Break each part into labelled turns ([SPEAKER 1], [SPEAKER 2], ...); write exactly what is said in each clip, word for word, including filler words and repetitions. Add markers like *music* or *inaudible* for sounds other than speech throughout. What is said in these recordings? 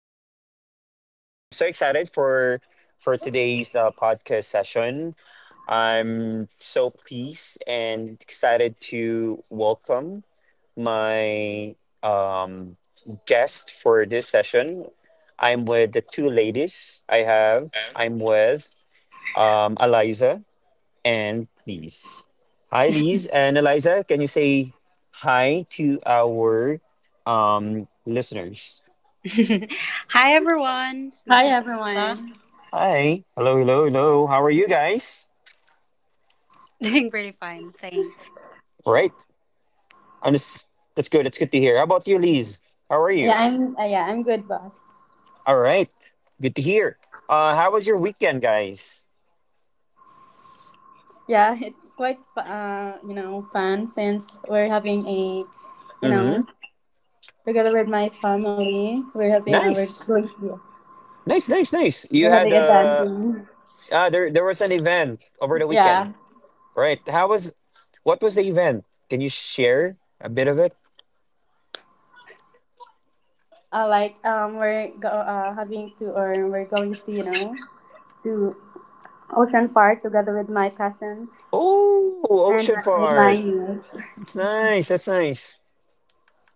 [SPEAKER 1] guys. Um, I'm so excited for for today's uh, podcast session. I'm so pleased and excited to welcome my um, guest for this session. I'm with the two ladies I have. I'm with um, Eliza and Lise. Hi, Lise and Eliza. Can you say hi to our um, listeners?
[SPEAKER 2] *laughs* Hi everyone,
[SPEAKER 3] Hi
[SPEAKER 2] this is Elsa.
[SPEAKER 3] everyone.
[SPEAKER 1] Hi. Hello, hello, hello. How are you guys?
[SPEAKER 2] *laughs* Doing pretty fine, thanks.
[SPEAKER 1] All right. I'm just, that's good. That's good to hear. How about you, Lise? How are
[SPEAKER 3] Yeah,
[SPEAKER 1] you?
[SPEAKER 3] I'm. Uh, yeah, I'm good, boss.
[SPEAKER 1] All right. Good to hear. Uh, how was your weekend, guys?
[SPEAKER 3] Yeah, *laughs* it quite uh you know fun since we're having a you
[SPEAKER 1] Mm-hmm.
[SPEAKER 3] know together with my family we're having our
[SPEAKER 1] Nice.
[SPEAKER 3] going yeah,
[SPEAKER 1] Nice, nice, nice.
[SPEAKER 3] we're
[SPEAKER 1] You
[SPEAKER 3] having
[SPEAKER 1] had
[SPEAKER 3] a
[SPEAKER 1] uh,
[SPEAKER 3] banding.
[SPEAKER 1] uh there there was an event over the
[SPEAKER 3] Yeah,
[SPEAKER 1] weekend, right? How was what was the event? Can you share a bit of it?
[SPEAKER 3] uh, like um we're go, uh, having to or we're going to you know to Ocean Park together with my cousins
[SPEAKER 1] Oh,
[SPEAKER 3] and
[SPEAKER 1] Ocean
[SPEAKER 3] my- with my
[SPEAKER 1] Park.
[SPEAKER 3] niece.
[SPEAKER 1] It's nice. That's nice.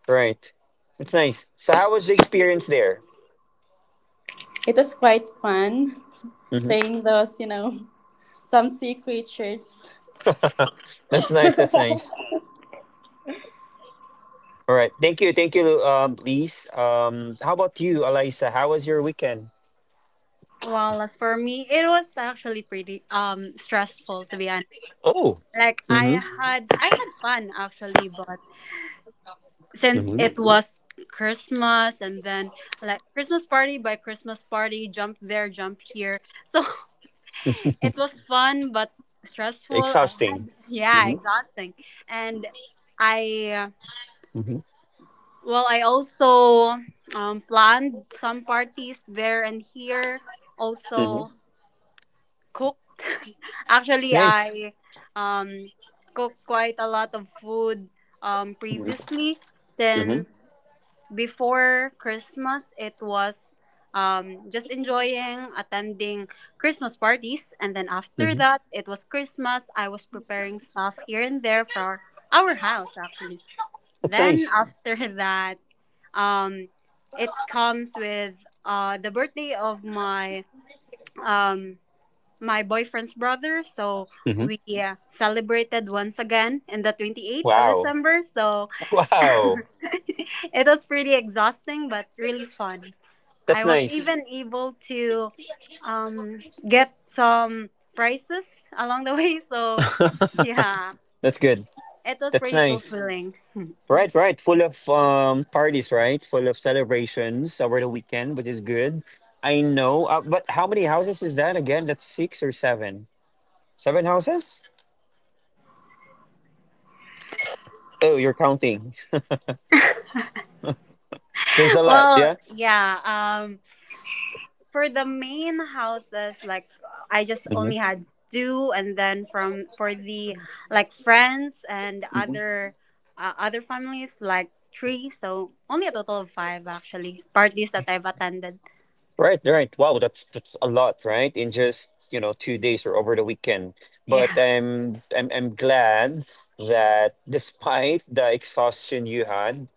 [SPEAKER 1] Right. That's nice. So, how was the experience there?
[SPEAKER 3] It was quite fun
[SPEAKER 1] Hmm.
[SPEAKER 3] seeing those you know some sea creatures.
[SPEAKER 1] *laughs* That's nice. That's nice. All right. Thank you. Thank you, um, Lise. Um, how about you, Alisa? How was your weekend?
[SPEAKER 2] Well, as for me, it was actually pretty um stressful, to be honest.
[SPEAKER 1] Oh,
[SPEAKER 2] Like, I
[SPEAKER 1] hmm
[SPEAKER 2] had I had fun actually, but since
[SPEAKER 1] hmm
[SPEAKER 2] it was Christmas and then like Christmas party by Christmas party, jump there, jump here. So *laughs* it was fun but stressful. I
[SPEAKER 1] exhausting.
[SPEAKER 2] had, yeah,
[SPEAKER 1] Hmm.
[SPEAKER 2] exhausting. And I
[SPEAKER 1] Hmm.
[SPEAKER 2] Well, I also um, planned some parties there and here.
[SPEAKER 1] Hmm.
[SPEAKER 2] Also cooked. *laughs* Actually,
[SPEAKER 1] Nice.
[SPEAKER 2] I um, cooked quite a lot of food um,
[SPEAKER 1] Hmm.
[SPEAKER 2] previously, since before Christmas it was um, just enjoying attending Christmas parties. And then after
[SPEAKER 1] Hmm.
[SPEAKER 2] that, it was Christmas. I was preparing stuff here and there for our house, actually.
[SPEAKER 1] That's
[SPEAKER 2] Then
[SPEAKER 1] nice.
[SPEAKER 2] after *laughs* that, um, it comes with uh the birthday of my um my boyfriend's brother. So
[SPEAKER 1] Hmm.
[SPEAKER 2] we uh, celebrated once again in the 28th of
[SPEAKER 1] Wow.
[SPEAKER 2] December. So *laughs*
[SPEAKER 1] Wow,
[SPEAKER 2] it was pretty exhausting but really fun.
[SPEAKER 1] that's
[SPEAKER 2] I was
[SPEAKER 1] nice.
[SPEAKER 2] even able to um get some prizes along the *laughs* way. So
[SPEAKER 1] *laughs*
[SPEAKER 2] yeah,
[SPEAKER 1] That's good.
[SPEAKER 2] it was
[SPEAKER 1] That's
[SPEAKER 2] pretty
[SPEAKER 1] nice.
[SPEAKER 2] fulfilling.
[SPEAKER 1] Right, right. Full of um parties, right? Full of celebrations over the weekend, which is good. I know. Uh, but how many houses is that again? That's six or seven? Seven houses? Oh, you're counting. There's a
[SPEAKER 2] *laughs*
[SPEAKER 1] lot,
[SPEAKER 2] Well,
[SPEAKER 1] yeah?
[SPEAKER 2] yeah. Um, for the main houses, like, I just
[SPEAKER 1] Hmm.
[SPEAKER 2] only had two, and then from for the, like, friends and other uh, other families, like, three, so only a total of five actually parties that I've attended.
[SPEAKER 1] Right, right. Wow, that's that's a lot, right? In just, you know, two days or over the weekend. But
[SPEAKER 2] Yeah.
[SPEAKER 1] I'm I'm I'm glad that despite the exhaustion you had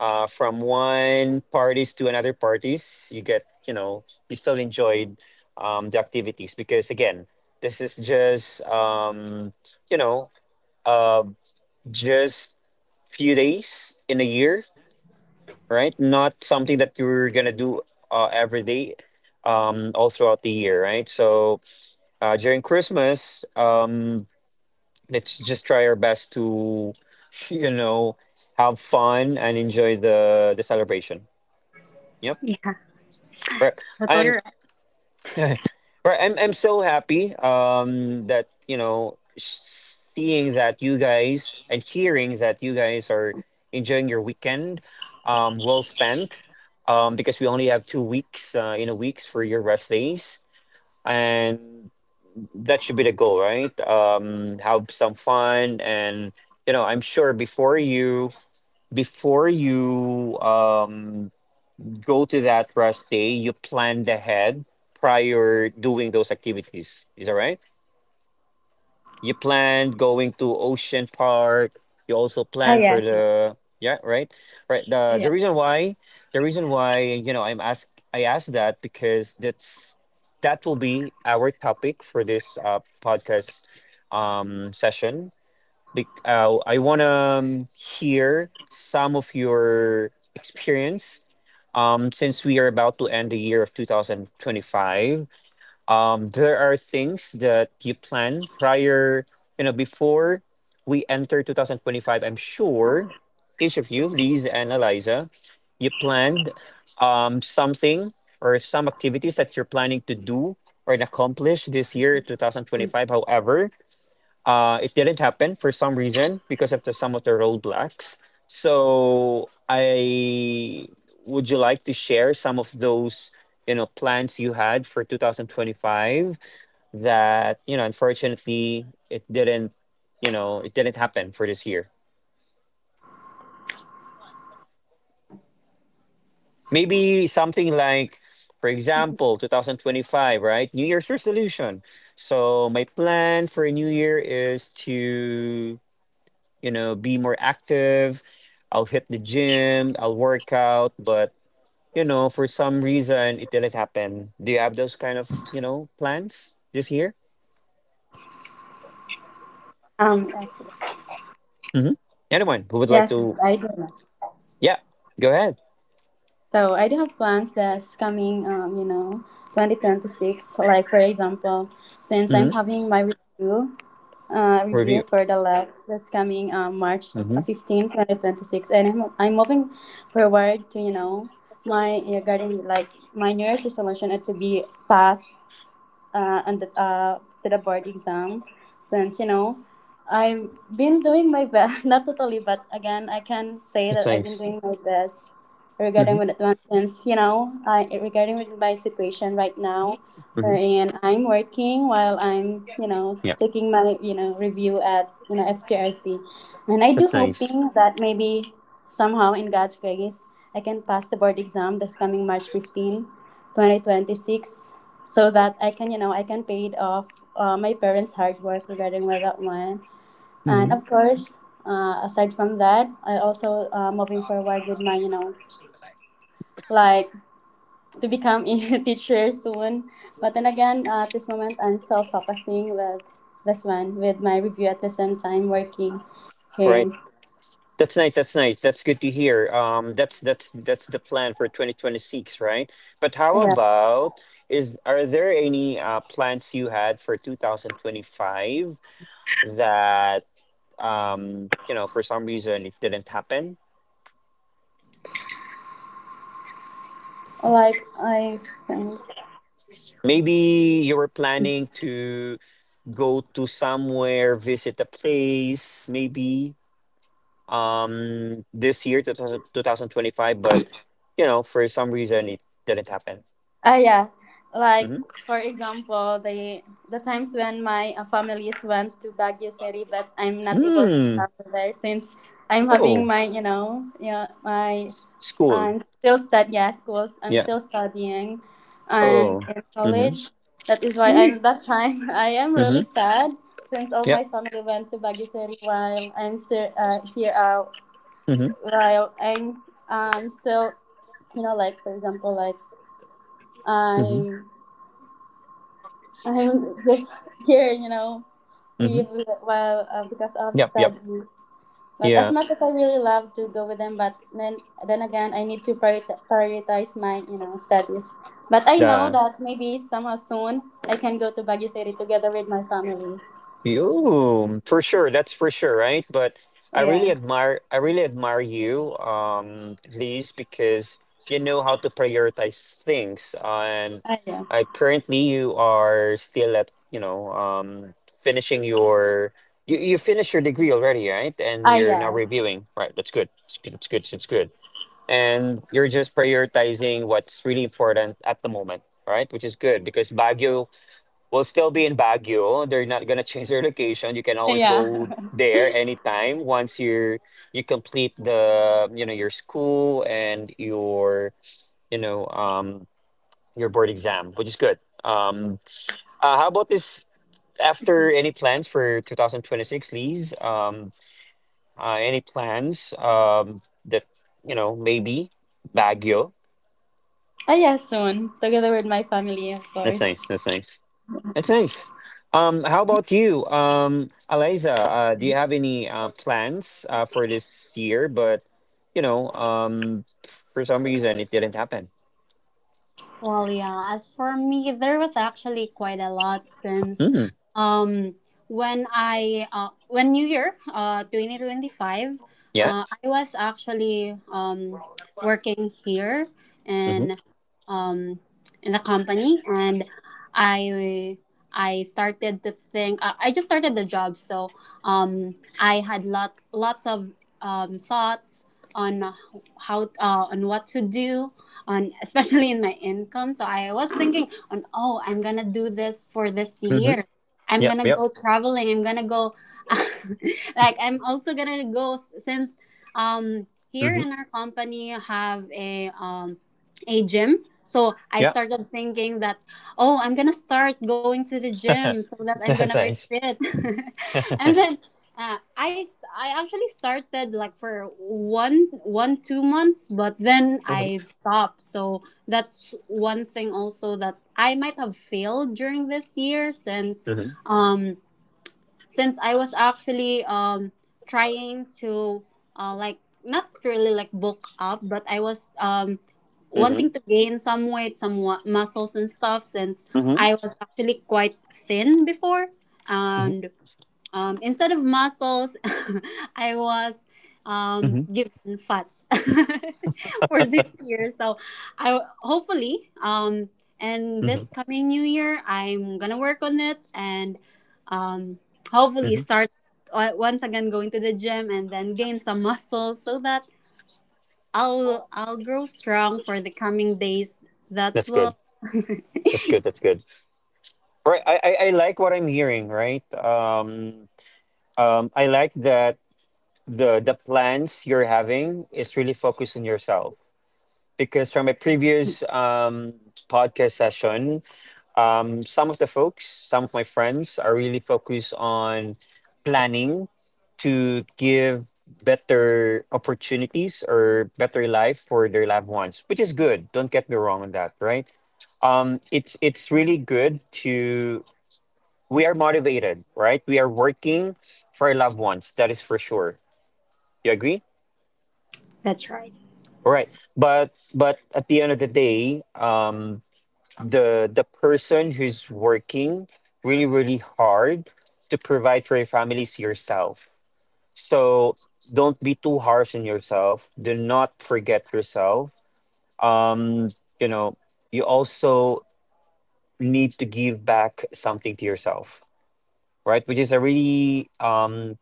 [SPEAKER 1] uh from one parties to another parties, you get, you know, you still enjoyed um the activities because again, this is just um, you know, uh just few days in a year, right? Not something that you're gonna do uh, every day, um, all throughout the year, right? So uh, during Christmas, um, let's just try our best to, *laughs* you know, have fun and enjoy the the celebration. Yep.
[SPEAKER 2] *laughs* Yeah.
[SPEAKER 1] Right. I'm
[SPEAKER 2] Total.
[SPEAKER 1] *laughs* Right. I'm I'm so happy um that you know seeing that you guys and hearing that you guys are enjoying your weekend um well spent um because we only have two weeks uh you know weeks for your rest days, and that should be the goal, right? Um have some fun, and you know I'm sure before you before you um go to that rest day, you planned ahead prior doing those activities. Is that right? You planned going to Ocean Park. You also
[SPEAKER 3] Ah,
[SPEAKER 1] planned for
[SPEAKER 3] yes, but-
[SPEAKER 1] the, yeah, right? Right. The the
[SPEAKER 3] yeah.
[SPEAKER 1] reason why the reason why, you know, I'm ask I asked that, because that's that will be our topic for this uh podcast um session. Bec- uh, I want to um, hear some of your experience. Um, since we are about to end the year of twenty twenty-five, um, there are things that you plan prior, you know, before we enter twenty twenty-five. I'm sure each of you, Liz and Eliza, you planned um, something or some activities that you're planning to do or accomplish this year, twenty twenty-five. However, uh, it didn't happen for some reason because of the some of the roadblocks. So I would you like to share some of those you know plans you had for twenty twenty-five that you know unfortunately it didn't you know it didn't happen for this year. Maybe something like, for example, two thousand twenty-five, right? New year's resolution, so my plan for a new year is to, you know, be more active. I'll hit the gym, I'll work out, but you know, for some reason it didn't happen. Do you have those kind of, you know, plans this year?
[SPEAKER 3] Um, excellent.
[SPEAKER 1] Mm-hmm. Anyone who would like
[SPEAKER 3] Yes,
[SPEAKER 1] to,
[SPEAKER 3] but I do know.
[SPEAKER 1] yeah, go ahead.
[SPEAKER 3] So I do have plans that's coming. Um, you know, twenty twenty six. Like for example, since I'm
[SPEAKER 1] Mm-hmm.
[SPEAKER 3] having my review, uh, review
[SPEAKER 1] Review.
[SPEAKER 3] for the lab that's coming um March
[SPEAKER 1] Mm-hmm.
[SPEAKER 3] fifteenth, twenty 2026, and I'm I'm moving forward to you know my regarding, like, my New Year's resolution is to be past uh, and uh, to the board exam, since you know I've been doing my best *laughs* not totally, but again, I can say
[SPEAKER 1] That's
[SPEAKER 3] that I've been
[SPEAKER 1] nice.
[SPEAKER 3] doing my best
[SPEAKER 1] Mm-hmm.
[SPEAKER 3] regarding with advance, since you know I regarding with my situation right now,
[SPEAKER 1] Mm-hmm.
[SPEAKER 3] wherein I'm working while I'm you know
[SPEAKER 1] Yeah,
[SPEAKER 3] taking my you know review at you know F T R C. And I do
[SPEAKER 1] that's nice.
[SPEAKER 3] hoping that maybe somehow, in God's grace, I can pass the board exam this coming march fifteenth twenty twenty-six, so that I can, you know, I can pay it off, uh, my parents' hard work regarding with that one. And
[SPEAKER 1] Mm-hmm.
[SPEAKER 3] of course, uh, aside from that, I also, uh, moving forward with my, you know, like, to become *laughs* a teacher soon. But then again, uh, at this moment, I'm still focusing with this one, with my review, at the same time working here.
[SPEAKER 1] That's nice. That's nice. That's good to hear. Um, that's that's that's the plan for twenty twenty-six, right? But how
[SPEAKER 3] Yeah,
[SPEAKER 1] about is are there any uh, plans you had for two thousand twenty-five that um, you know for some reason it didn't happen?
[SPEAKER 3] like I think.
[SPEAKER 1] Maybe you were planning to go to somewhere, visit a place, maybe. Um this year two thousand two thousand twenty five, but you know for some reason it didn't happen.
[SPEAKER 3] Ah, yeah. Like,
[SPEAKER 1] Mm-hmm.
[SPEAKER 3] for example, the the times when my, uh, families went to Baguio City, but I'm
[SPEAKER 1] Hmm.
[SPEAKER 3] not able to
[SPEAKER 1] Mm.
[SPEAKER 3] travel there since I'm having
[SPEAKER 1] Oh,
[SPEAKER 3] my, you know, yeah, my,
[SPEAKER 1] s- school.
[SPEAKER 3] I'm still stud yeah, schools. I'm
[SPEAKER 1] Yeah.
[SPEAKER 3] still studying, and
[SPEAKER 1] Oh.
[SPEAKER 3] in
[SPEAKER 1] Mm-hmm.
[SPEAKER 3] college. That is why I'm that time, *laughs* I am really
[SPEAKER 1] Mm-hmm.
[SPEAKER 3] sad, since all
[SPEAKER 1] Yep.
[SPEAKER 3] my family went to Baguio City while I'm still, uh, here. Uh,
[SPEAKER 1] Mm-hmm.
[SPEAKER 3] while I'm, um still, you know, like, for example, like.
[SPEAKER 1] Mm-hmm.
[SPEAKER 3] I'm I'm just here, you know,
[SPEAKER 1] Mm-hmm.
[SPEAKER 3] leave while, uh, because of
[SPEAKER 1] Yep. Yep.
[SPEAKER 3] study. But as
[SPEAKER 1] Yeah.
[SPEAKER 3] much as I really love to go with them, but then then again, I need to priori- prioritize my you know studies. But I
[SPEAKER 1] The
[SPEAKER 3] know that maybe somehow soon I can go to Baguio City together with my families.
[SPEAKER 1] You, for sure, that's for sure, right? But I really
[SPEAKER 3] Yeah.
[SPEAKER 1] admire, I really admire you, um, Liz, because you know how to prioritize things. And
[SPEAKER 3] Ah, yeah.
[SPEAKER 1] I, currently, you are still at, you know, um, finishing your, you you finished your degree already, right? And
[SPEAKER 3] Ah,
[SPEAKER 1] you're now
[SPEAKER 3] yes.
[SPEAKER 1] reviewing, right? That's good. It's good. It's good. It's good. And you're just prioritizing what's really important at the moment, right? Which is good, because Baguio will still be in Baguio. They're not gonna change their location. You can
[SPEAKER 3] Ah,
[SPEAKER 1] always
[SPEAKER 3] yeah.
[SPEAKER 1] go
[SPEAKER 3] *laughs*
[SPEAKER 1] there anytime once you're you complete the you know your school and your you know um your board exam, which is good. Um, uh, how about this? After Any plans for two thousand twenty-six, Lee's? Um, uh, any plans? Um, that, you know maybe Baguio.
[SPEAKER 3] Ah, yeah, soon. Together with my family, of
[SPEAKER 1] That's
[SPEAKER 3] course.
[SPEAKER 1] nice. That's nice. That's nice. Um, how about you, um, Eliza? Uh, do you have any uh, plans uh, for this year, but you know, um, for some reason, it didn't happen?
[SPEAKER 2] Well, yeah, as for me, there was actually quite a lot, since
[SPEAKER 1] Mm,
[SPEAKER 2] um when I uh, when New Year uh twenty twenty-five,
[SPEAKER 1] yeah.
[SPEAKER 2] uh I was actually um working here
[SPEAKER 1] Mm-hmm.
[SPEAKER 2] in um in the company, and I I started to think, uh, I just started the job, so um I had lot lots of um thoughts on how, uh, on what to do, on especially in my income. So I was thinking, on oh, I'm gonna do this for this
[SPEAKER 1] Mm-hmm.
[SPEAKER 2] year. I'm
[SPEAKER 1] Yep.
[SPEAKER 2] gonna
[SPEAKER 1] Yep.
[SPEAKER 2] go traveling. I'm gonna go, *laughs* like, I'm also gonna go, since um here
[SPEAKER 1] Mm-hmm.
[SPEAKER 2] in our company have a um a gym. So I
[SPEAKER 1] Yeah.
[SPEAKER 2] started thinking that, oh, I'm gonna start going to the
[SPEAKER 1] *laughs*
[SPEAKER 2] gym so that I'm gonna
[SPEAKER 1] That's
[SPEAKER 2] be
[SPEAKER 1] nice.
[SPEAKER 2] fit. *laughs* And then uh, I I actually started, like, for one one two months, but then I've
[SPEAKER 1] Mm-hmm.
[SPEAKER 2] stopped. So that's one thing also that I might have failed during this year, since
[SPEAKER 1] Mm-hmm.
[SPEAKER 2] um since I was actually um trying to, uh like, not really like bulk up, but I was um
[SPEAKER 1] Mm-hmm.
[SPEAKER 2] wanting to gain some weight, some wa- muscles and stuff, since
[SPEAKER 1] Mm-hmm.
[SPEAKER 2] I was actually quite thin before,
[SPEAKER 1] Mm-hmm.
[SPEAKER 2] and um, instead of muscles, *laughs* I was, um,
[SPEAKER 1] Mm-hmm.
[SPEAKER 2] given fats *laughs* for this year. So I hopefully, um, and this
[SPEAKER 1] Mm-hmm.
[SPEAKER 2] coming new year, I'm gonna work on it, and um, hopefully
[SPEAKER 1] Mm-hmm.
[SPEAKER 2] start o- once again going to the gym, and then gain some muscles, so that I'll I'll grow strong for the coming days. That
[SPEAKER 1] That's good.
[SPEAKER 2] will.
[SPEAKER 1] That's good. That's good. Right. I, I I like what I'm hearing. Right. Um. Um. I like that the the plans you're having is really focused on yourself, because from a previous um, podcast session, um, some of the folks, some of my friends, are really focused on planning to give better opportunities or better life for their loved ones, which is good. Don't get me wrong on that, right? Um, it's it's really good to we are motivated, right? We are working for our loved ones. That is for sure. You agree?
[SPEAKER 2] That's right.
[SPEAKER 1] All right, but but at the end of the day, um, the the person who's working really really hard to provide for your family is yourself, so don't be too harsh on yourself. Do not forget yourself. Um you know you also need to give back something to yourself, right? Which is a really um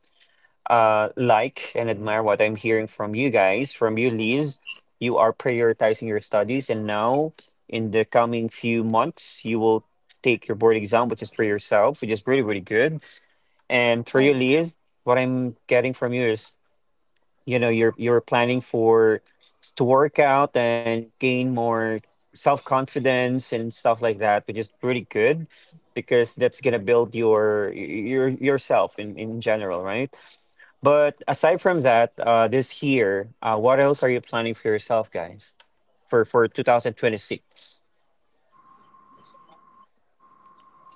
[SPEAKER 1] uh, like and admire what I'm hearing from you guys, from you, Liz. You are prioritizing your studies, and now in the coming few months, you will take your board exam, which is for yourself, which is really, really good. And
[SPEAKER 3] Ah,
[SPEAKER 1] for
[SPEAKER 3] yeah.
[SPEAKER 1] you, Liz, what I'm getting from you is, you know, you're you're planning for to work out and gain more self confidence and stuff like that, which is really good because that's gonna build your your yourself in in general, right? But aside from that, uh, this year, uh, what else are you planning for yourself, guys, for for two thousand twenty-six?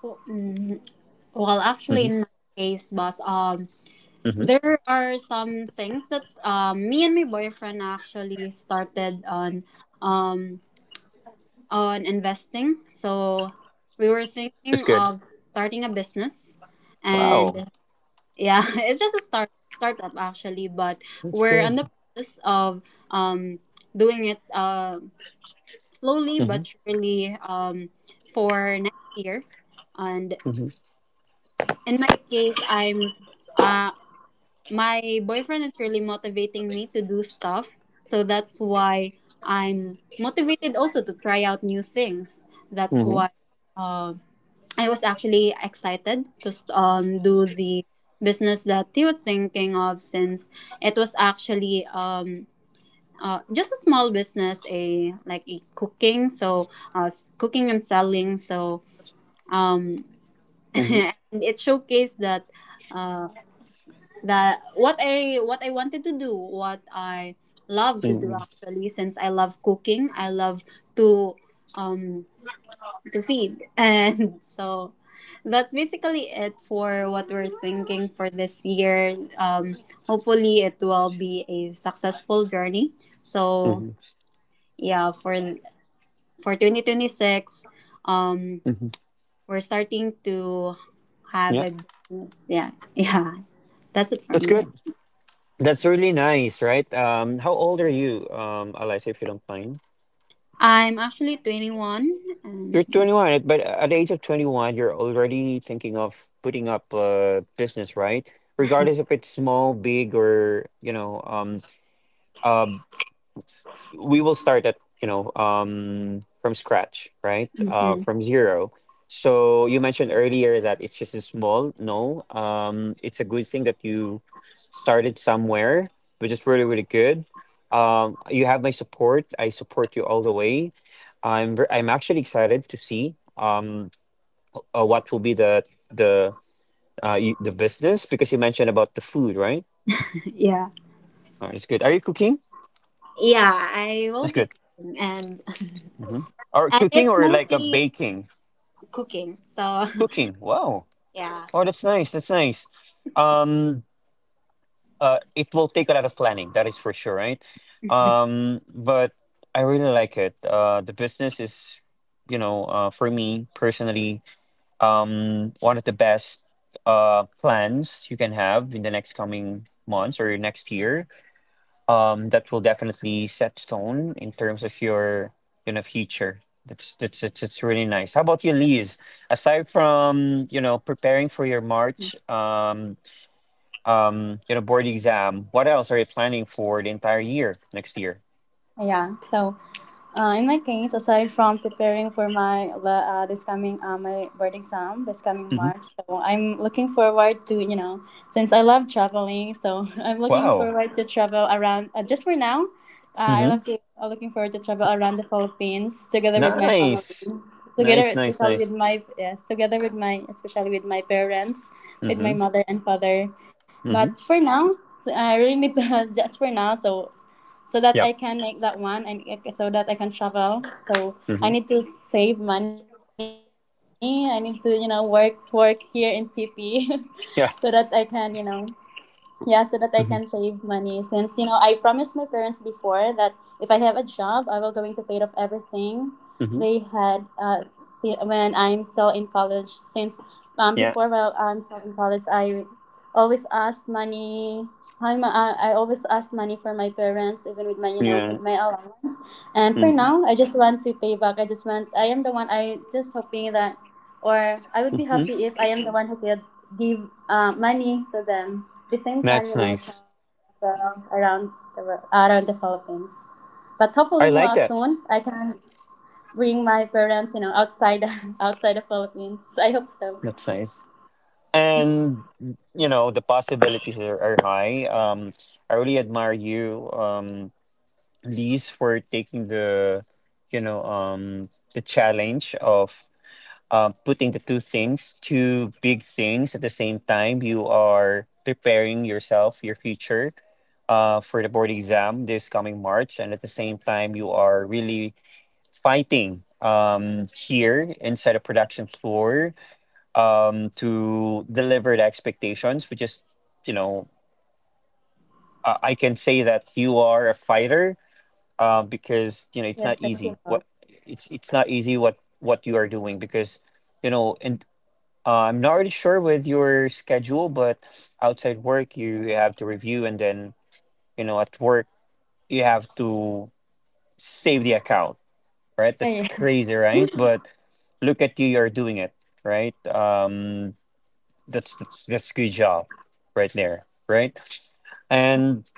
[SPEAKER 2] Well, mm, well, actually, in
[SPEAKER 1] Hmm.
[SPEAKER 2] my case, boss, um,
[SPEAKER 1] Hmm.
[SPEAKER 2] there are some things that, um, me and my boyfriend actually started on, um, on investing. So we were
[SPEAKER 1] That's
[SPEAKER 2] thinking
[SPEAKER 1] good.
[SPEAKER 2] of starting a business,
[SPEAKER 1] Wow,
[SPEAKER 2] and yeah, *laughs* it's just a start startup actually, but
[SPEAKER 1] that's
[SPEAKER 2] we're
[SPEAKER 1] good.
[SPEAKER 2] in the process of, um, doing it, uh, slowly
[SPEAKER 1] Hmm.
[SPEAKER 2] but surely, um, for next year. And
[SPEAKER 1] Hmm.
[SPEAKER 2] in my case, I'm uh, my boyfriend is really motivating me to do stuff. So that's why I'm motivated also to try out new things. That's
[SPEAKER 1] Hmm.
[SPEAKER 2] why, uh, I was actually excited to, um, do the business that he was thinking of, since it was actually, um, uh, just a small business, a like a cooking, so uh, s- cooking and selling. So um, *laughs*
[SPEAKER 1] Hmm.
[SPEAKER 2] and it showcased that uh that what I what I wanted to do, what I love to do,
[SPEAKER 1] Hmm.
[SPEAKER 2] actually. Since I love cooking, I love to um to feed, *laughs* and so that's basically it for what we're thinking for this year. Um, hopefully, it will be a successful journey.
[SPEAKER 1] Hmm.
[SPEAKER 2] So
[SPEAKER 1] Hmm.
[SPEAKER 2] yeah, for for twenty twenty six, um, we're starting to have
[SPEAKER 1] Yeah,
[SPEAKER 2] a business. Yeah, *laughs* yeah, that's it for
[SPEAKER 1] that's
[SPEAKER 2] me.
[SPEAKER 1] good. That's really nice, right? Um, how old are you, um, Eliza, if you don't mind?
[SPEAKER 2] I'm actually twenty-one, and
[SPEAKER 1] You're
[SPEAKER 2] yeah.
[SPEAKER 1] twenty-one, but at the age of twenty-one, you're already thinking of putting up a business, right? Regardless if it's small, big, or you know, um, uh, we will start at, you know, um, from scratch, right? Uh,
[SPEAKER 2] Mhm.
[SPEAKER 1] from zero. So you mentioned earlier that it's just a small. No, um, it's a good thing that you started somewhere, which is really, really good. Um, you have my support. I support you all the way. I'm ver- I'm actually excited to see. Um, uh, what will be the the uh, you, the business, because you mentioned about the food, right?
[SPEAKER 2] *laughs* Yeah.
[SPEAKER 1] All right, it's good. Are you cooking?
[SPEAKER 2] Yeah, I
[SPEAKER 1] That's
[SPEAKER 2] will
[SPEAKER 1] good.
[SPEAKER 2] be cooking, and
[SPEAKER 1] Hmm.
[SPEAKER 2] *laughs*
[SPEAKER 1] Or
[SPEAKER 2] and
[SPEAKER 1] cooking
[SPEAKER 2] it's
[SPEAKER 1] or like a
[SPEAKER 2] mostly
[SPEAKER 1] baking?
[SPEAKER 2] cooking. So
[SPEAKER 1] Cooking. Wow.
[SPEAKER 2] *laughs* yeah.
[SPEAKER 1] Oh, that's nice. That's nice. Um, uh, it will take a lot of planning. That is for sure, right?
[SPEAKER 2] *laughs*
[SPEAKER 1] Um, but I really like it. Uh, the business is, you know, uh, for me personally, um, one of the best uh plans you can have in the next coming months or next year, um, that will definitely set stone in terms of your you know future. That's that's it's, it's really nice. How about you, Liz? Aside from you know preparing for your March um, um, you know board exam, what else are you planning for the entire year next year?
[SPEAKER 3] Ah, yeah. So, Uh, in my case, aside from preparing for my le- uh, this coming, uh, my board exam this coming
[SPEAKER 1] Hmm.
[SPEAKER 3] March. So I'm looking forward to, you know since I love traveling, so *laughs* I'm looking
[SPEAKER 1] Wow.
[SPEAKER 3] forward to travel around, uh, just for now. Uh, I
[SPEAKER 1] Hmm.
[SPEAKER 3] love to, uh, looking forward to travel around the Philippines together with my family,
[SPEAKER 1] Nice.
[SPEAKER 3] together,
[SPEAKER 1] Nice. Nice.
[SPEAKER 3] especially with
[SPEAKER 1] Nice.
[SPEAKER 3] my, yes, together with my, especially with my parents, with my
[SPEAKER 1] Hmm.
[SPEAKER 3] mother and father. But
[SPEAKER 1] Hmm.
[SPEAKER 3] for now, so I really need to, *laughs* just for now. So so that I
[SPEAKER 1] Yep.
[SPEAKER 3] can make that one, and it- so that I can travel. So I
[SPEAKER 1] Hmm.
[SPEAKER 3] need to save money. I need to, you know work work here in T P, *laughs* so that I can, you
[SPEAKER 1] Yeah.
[SPEAKER 3] know yeah, so that I can save money.
[SPEAKER 1] Hmm.
[SPEAKER 3] Since, you know, I promised my parents before that if I have a job, I will going to pay off everything they had.
[SPEAKER 1] Hmm.
[SPEAKER 3] Uh, see, when I'm still in college, since, um before,
[SPEAKER 1] Yeah.
[SPEAKER 3] well, I'm still in college, I always asked money. Hi, ma. uh, I always asked money for my parents, even with my you know with
[SPEAKER 1] Yeah.
[SPEAKER 3] my allowance. And for
[SPEAKER 1] Hmm.
[SPEAKER 3] now, I just want to pay back. I just want. I am the one. I just hoping that, or I would be
[SPEAKER 1] Hmm.
[SPEAKER 3] happy if I am the one who could give, uh, money to them. The same
[SPEAKER 1] That's
[SPEAKER 3] time, you
[SPEAKER 1] nice.
[SPEAKER 3] know, travel around the wor- around the Philippines. But
[SPEAKER 1] I
[SPEAKER 3] hopefully,
[SPEAKER 1] like
[SPEAKER 3] more
[SPEAKER 1] that.
[SPEAKER 3] soon I can bring my parents, you know, outside *laughs* outside the Philippines. I hope so.
[SPEAKER 1] That's nice. and you know the possibilities are, are high. um I really admire you, um Lise, for taking the you know um the challenge of uh, putting the two things two big things at the same time. You are preparing yourself, your future, uh for the board exam this coming March. And at the same time, you are really fighting um here inside a production floor, um, to deliver the expectations, which is, you know, I, I can say that you are a fighter, uh, because you know it's not
[SPEAKER 3] Yeah,
[SPEAKER 1] easy. What
[SPEAKER 3] thank you, boss.
[SPEAKER 1] it's it's not easy, what what you are doing, because you know, and uh, I'm not really sure with your schedule, but outside work you have to review, and then you know at work you have to save the account, right? That's crazy,
[SPEAKER 3] Ay-
[SPEAKER 1] right? But look at you, you're doing it, right? Um, that's that's that's good job right there, right. And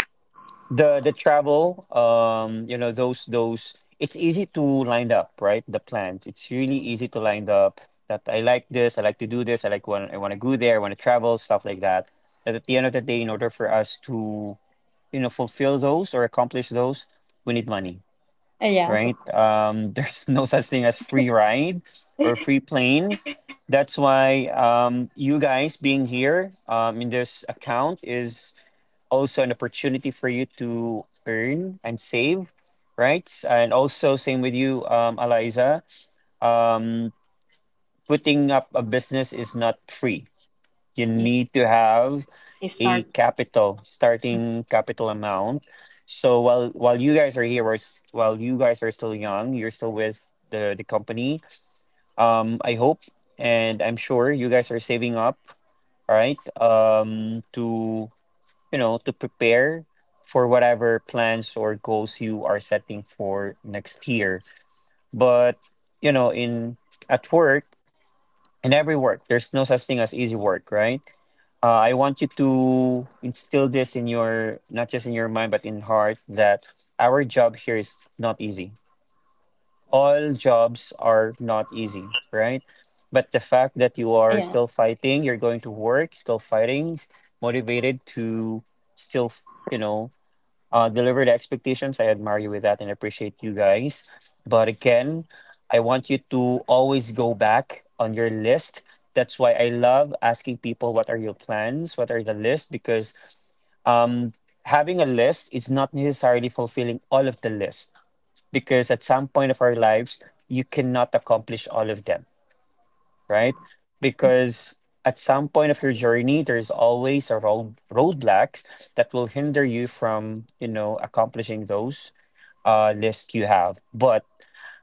[SPEAKER 1] the the travel, um you know those those, it's easy to line up, right, the plans. It's really easy to line up that. I like this. I like to do this. I like, when I want to go there I want to travel, stuff like that. That at the end of the day, in order for us to you know fulfill those or accomplish those, we need money, right?
[SPEAKER 3] ay, yes, of course.
[SPEAKER 1] Um, *laughs* there's no such thing as free ride or free plane. That's why, um, you guys being here, um, in this account is also an opportunity for you to earn and save, right? And also, same with you, um, Eliza. Um, putting up a business is not free. You
[SPEAKER 2] Yeah.
[SPEAKER 1] need to have
[SPEAKER 2] I
[SPEAKER 1] a
[SPEAKER 2] start
[SPEAKER 1] capital starting capital amount. So while while you guys are here, or s- while you guys are still young, you're still with the the company. um I hope and I'm sure you guys are saving up, all right, um to you know to prepare for whatever plans or goals you are setting for next year. But you know in at work, in every work, there's no such thing as easy work, right. uh, I want you to instill this in your, not just in your mind, but in heart, that our job here is not easy. All jobs are not easy, right? But the fact that you
[SPEAKER 3] Ay,
[SPEAKER 1] are still fighting, you're going to work, still fighting, motivated to still, you know, uh, deliver the expectations. I admire you with that and appreciate you guys. But again, I want you to always go back on your list. That's why I love asking people what are your plans, what are the list, because, um, having a list is not necessarily fulfilling all of the list. Because at some point of our lives, you cannot accomplish all of them, right? Because at some point of your journey, there's always a road roadblocks that will hinder you from, you know, accomplishing those, uh, list you have. But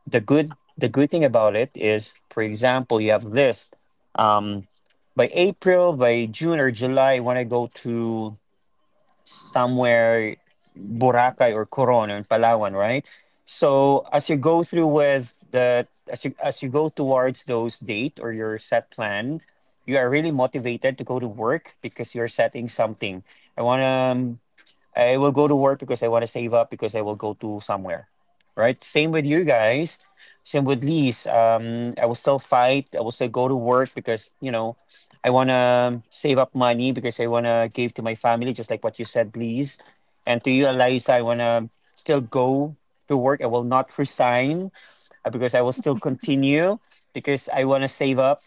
[SPEAKER 1] the good the good thing about it is, for example, you have list, um, by April, by June or July. When I go to somewhere, Boracay or Coron or Palawan, right? So as you go through with the as you as you go towards those date or your set plan, you are really motivated to go to work because you're setting something. I wanna um, I will go to work because I want to save up because I will go to somewhere, right? Same with you guys. Same with Lise. Um, I will still fight. I will still go to work, because you know I want to save up money, because I want to give to my family, just like what you said, Lise. And to you, Eliza, I want to still go to work. I will not resign, uh, because I will still continue because I want to save up,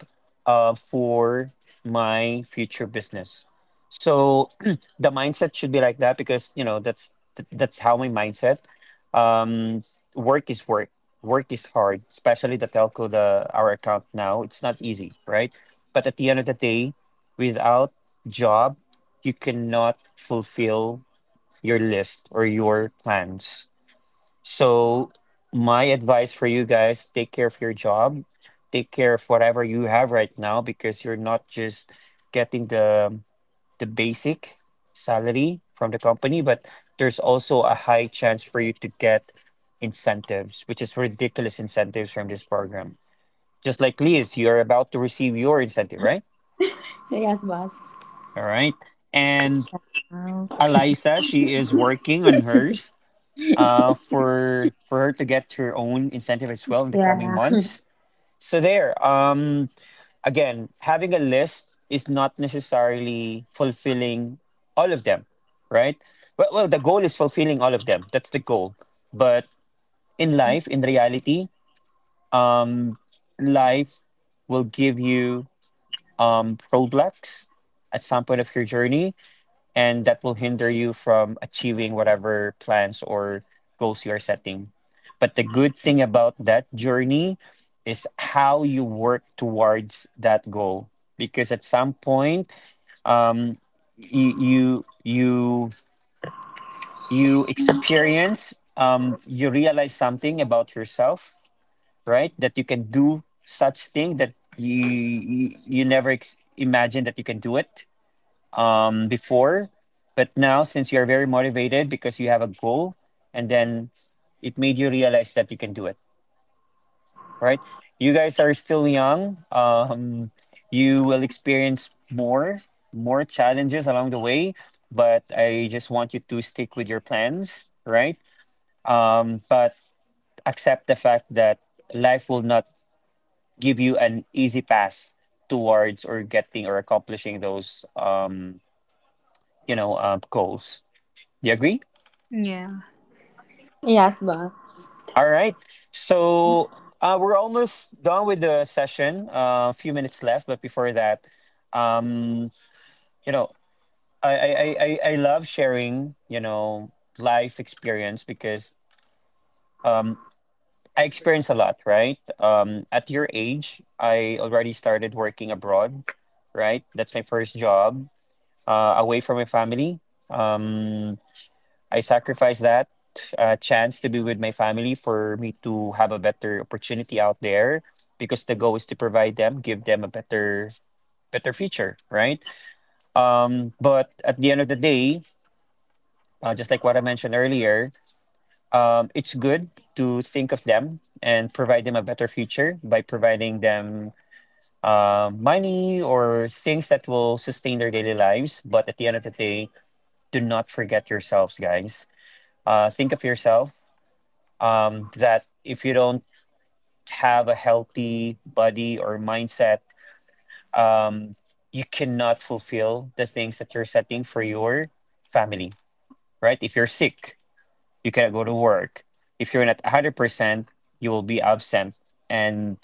[SPEAKER 1] uh, for my future business. So *clears throat* the mindset should be like that, because you know that's, th- that's how my mindset. Um, work is work. Work is hard, especially the telco, the our account now. It's not easy, right? But at the end of the day, without job, you cannot fulfill your list or your plans. So my advice for you guys, take care of your job, take care of whatever you have right now, because you're not just getting the the basic salary from the company, but there's also a high chance for you to get incentives, which is ridiculous incentives from this program. Just like Liz, you're about to receive your incentive, right?
[SPEAKER 3] Yeah, yes, boss.
[SPEAKER 1] All right. And
[SPEAKER 2] now.
[SPEAKER 1] Eliza, she is working on hers, uh, for for her to get her own incentive as well in the coming
[SPEAKER 2] Yeah.
[SPEAKER 1] months. So there, um, again, having a list is not necessarily fulfilling all of them, right? Well, well, the goal is fulfilling all of them. That's the goal. But in life, in reality, um, life will give you, um, roadblocks at some point of your journey, and that will hinder you from achieving whatever plans or goals you're setting. But the good thing about that journey is how you work towards that goal. Because at some point, um, you you you you experience um, you realize something about yourself, right, that you can do such thing, that you you, you never ex- imagined that you can do it, um, before. But now, since you're very motivated because you have a goal, and then it made you realize that you can do it, right? You guys are still young. Um, you will experience more, more challenges along the way. But I just want you to stick with your plans, right? Um, but accept the fact that life will not give you an easy path towards, or getting, or accomplishing those, um, you know, uh, goals. Do you agree?
[SPEAKER 2] Yeah.
[SPEAKER 3] Yes, boss.
[SPEAKER 1] All right. So, uh, we're almost done with the session. Uh, a few minutes left, but before that, um, you know, I, I, I, I I love sharing, you know, life experience, because um, I experience a lot, right? Um, at your age, I already started working abroad, right? That's my first job, uh, away from my family. Um, I sacrificed that, uh, chance to be with my family for me to have a better opportunity out there, because the goal is to provide them, give them a better better future, right? Um, but at the end of the day, uh, just like what I mentioned earlier, um, it's good to think of them and provide them a better future by providing them, uh, money or things that will sustain their daily lives. But at the end of the day, do not forget yourselves, guys. Uh, think of yourself, um, that if you don't have a healthy body or mindset, um, you cannot fulfill the things that you're setting for your family, right? If you're sick, you cannot go to work. If you're not one hundred percent, you will be absent, and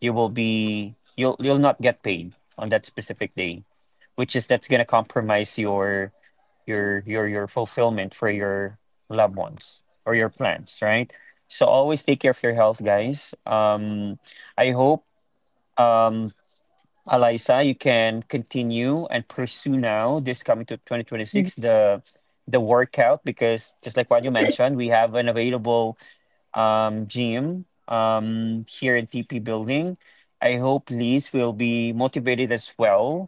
[SPEAKER 1] you will be, you'll, you'll not get paid on that specific day, which is, that's going to compromise your your your your fulfillment for your loved ones or your plans, right. So always take care of your health, guys. um I hope, um Eliza, you can continue and pursue, now this coming to twenty twenty-six,
[SPEAKER 2] *laughs*
[SPEAKER 1] the the workout, because just like what you mentioned, we have an available, um gym, um here in T P building. I hope Liz will be motivated as well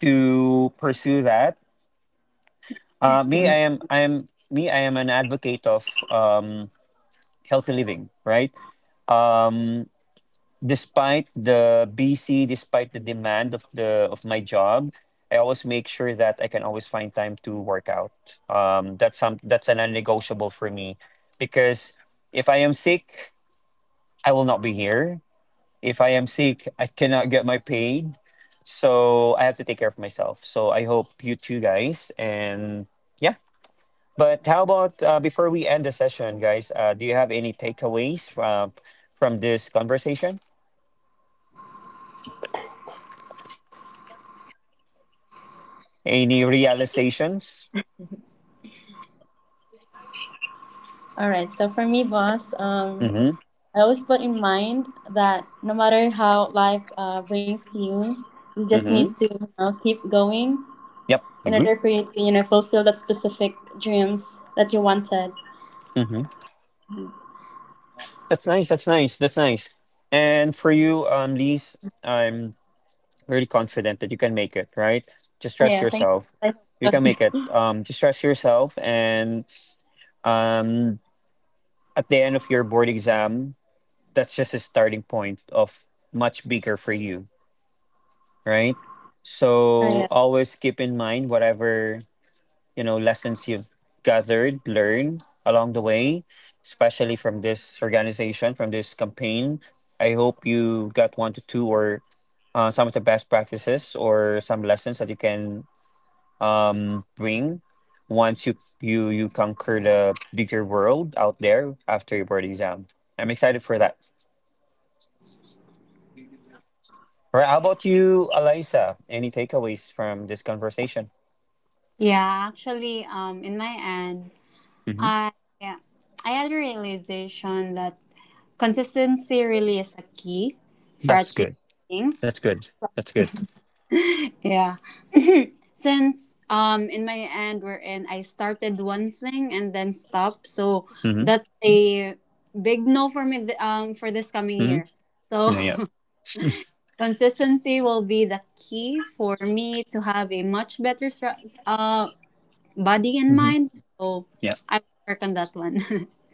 [SPEAKER 1] to pursue that. Uh, me, I am, I am, me, I am an advocate of, um, healthy living, right? Um, despite the busy, despite the demand of the of my job, I always make sure that I can always find time to work out. Um, that's some that's a non-negotiable for me, because if I am sick, I will not be here. If I am sick, I cannot get my paid. So I have to take care of myself. So I hope you two guys, and yeah. But how about, uh, before we end the session, guys? Uh, do you have any takeaways from from this conversation? Any realizations?
[SPEAKER 3] All right. So for me, boss, um,
[SPEAKER 1] Mm-hmm.
[SPEAKER 3] I always put in mind that no matter how life, uh, brings you, you just
[SPEAKER 1] Mm-hmm.
[SPEAKER 3] need to, you know, keep going
[SPEAKER 1] Yep.
[SPEAKER 3] in
[SPEAKER 1] Agree.
[SPEAKER 3] order for you to, you know fulfill that specific dreams that you wanted.
[SPEAKER 1] Mm-hmm. That's nice. That's nice. That's nice. And for you, um, Lise, I'm really confident that you can make it. Right? Just
[SPEAKER 3] Oh
[SPEAKER 1] trust
[SPEAKER 3] yeah, thank you.
[SPEAKER 1] yourself.
[SPEAKER 3] I hope
[SPEAKER 1] You can
[SPEAKER 3] so.
[SPEAKER 1] make it. Um, just trust yourself, and, um, at the end of your board exam, that's just a starting point of much bigger for you, right?
[SPEAKER 3] Oh
[SPEAKER 1] So
[SPEAKER 3] yeah.
[SPEAKER 1] always keep in mind whatever, you know, lessons you've gathered, learned along the way, especially from this organization, from this campaign. I hope you got one to two or, uh, some of the best practices or some lessons that you can, um, bring, once you you you conquer the bigger world out there after your board exam. I'm excited for that. All right, how about you, Eliza? Any takeaways from this conversation?
[SPEAKER 2] Yeah, actually, um, in my end, I, yeah, I had a realization that consistency really is a key for
[SPEAKER 1] That's
[SPEAKER 2] achieving
[SPEAKER 1] good. That's
[SPEAKER 2] things.
[SPEAKER 1] good. That's good.
[SPEAKER 2] *laughs* Yeah. *clears throat* Since um in my end, we're in I started one thing and then stopped. So
[SPEAKER 1] Hmm.
[SPEAKER 2] that's a big no for me, th- um for this coming
[SPEAKER 1] Hmm.
[SPEAKER 2] year. So
[SPEAKER 1] Yeah, yeah.
[SPEAKER 2] *laughs* consistency will be the key for me to have a much better stra- uh body and
[SPEAKER 1] Hmm.
[SPEAKER 2] mind. So
[SPEAKER 1] Yeah.
[SPEAKER 2] I will work on that one. *laughs*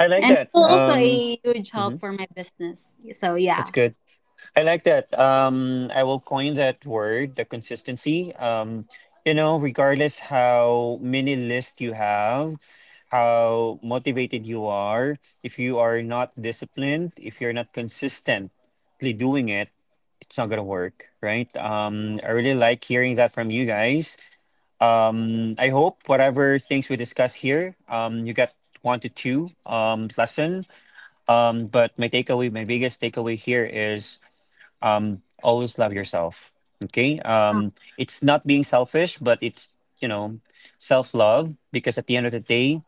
[SPEAKER 1] I like
[SPEAKER 2] And it
[SPEAKER 1] that.
[SPEAKER 2] will also
[SPEAKER 1] Um,
[SPEAKER 2] a huge
[SPEAKER 1] hmm.
[SPEAKER 2] help for my business. So
[SPEAKER 1] That's
[SPEAKER 2] yeah.
[SPEAKER 1] good. I like that. Um, I will coin that word, the consistency. Um, you know, regardless how many lists you have, how motivated you are, if you are not disciplined, if you're not consistently doing it, it's not gonna work, right? Um, I really like hearing that from you guys. Um, I hope whatever things we discuss here, um, you get one to two, um, lesson. Um, but my takeaway, my biggest takeaway here is, um, always love yourself. Okay,
[SPEAKER 2] Uh,
[SPEAKER 1] um, it's not being selfish, but it's, you know self love, because at the end of the day,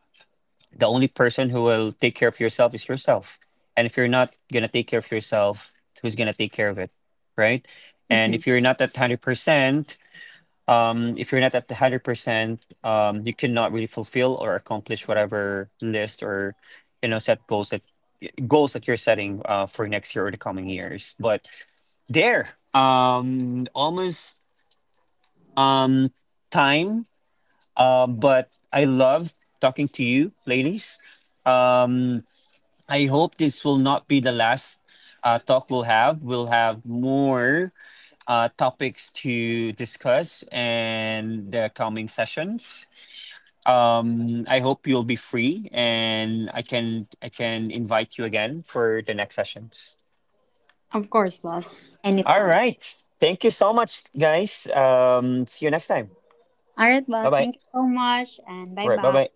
[SPEAKER 1] the only person who will take care of yourself is yourself. And if you're not gonna take care of yourself, who's gonna take care of it, right? And
[SPEAKER 2] mhm.
[SPEAKER 1] if you're not at hundred percent, um, if you're not at the hundred percent, um, you cannot really fulfill or accomplish whatever list or, you know set goals, that goals that you're setting, uh, for next year or the coming years. But there, um, almost, um, time. Uh, but I love talking to you, ladies. Um, I hope this will not be the last, uh, talk we'll have. We'll have more, uh, topics to discuss in the coming sessions. Um, I hope you'll be free, and I can I can invite you again for the next sessions.
[SPEAKER 2] Of course, boss.
[SPEAKER 1] All
[SPEAKER 2] Anytime.
[SPEAKER 1] right. Thank you so much, guys. Um, see you next time.
[SPEAKER 2] All right,
[SPEAKER 1] Bye
[SPEAKER 2] boss.
[SPEAKER 1] bye.
[SPEAKER 2] Thank you so much, and bye
[SPEAKER 1] All right. Bye
[SPEAKER 2] bye.
[SPEAKER 1] bye.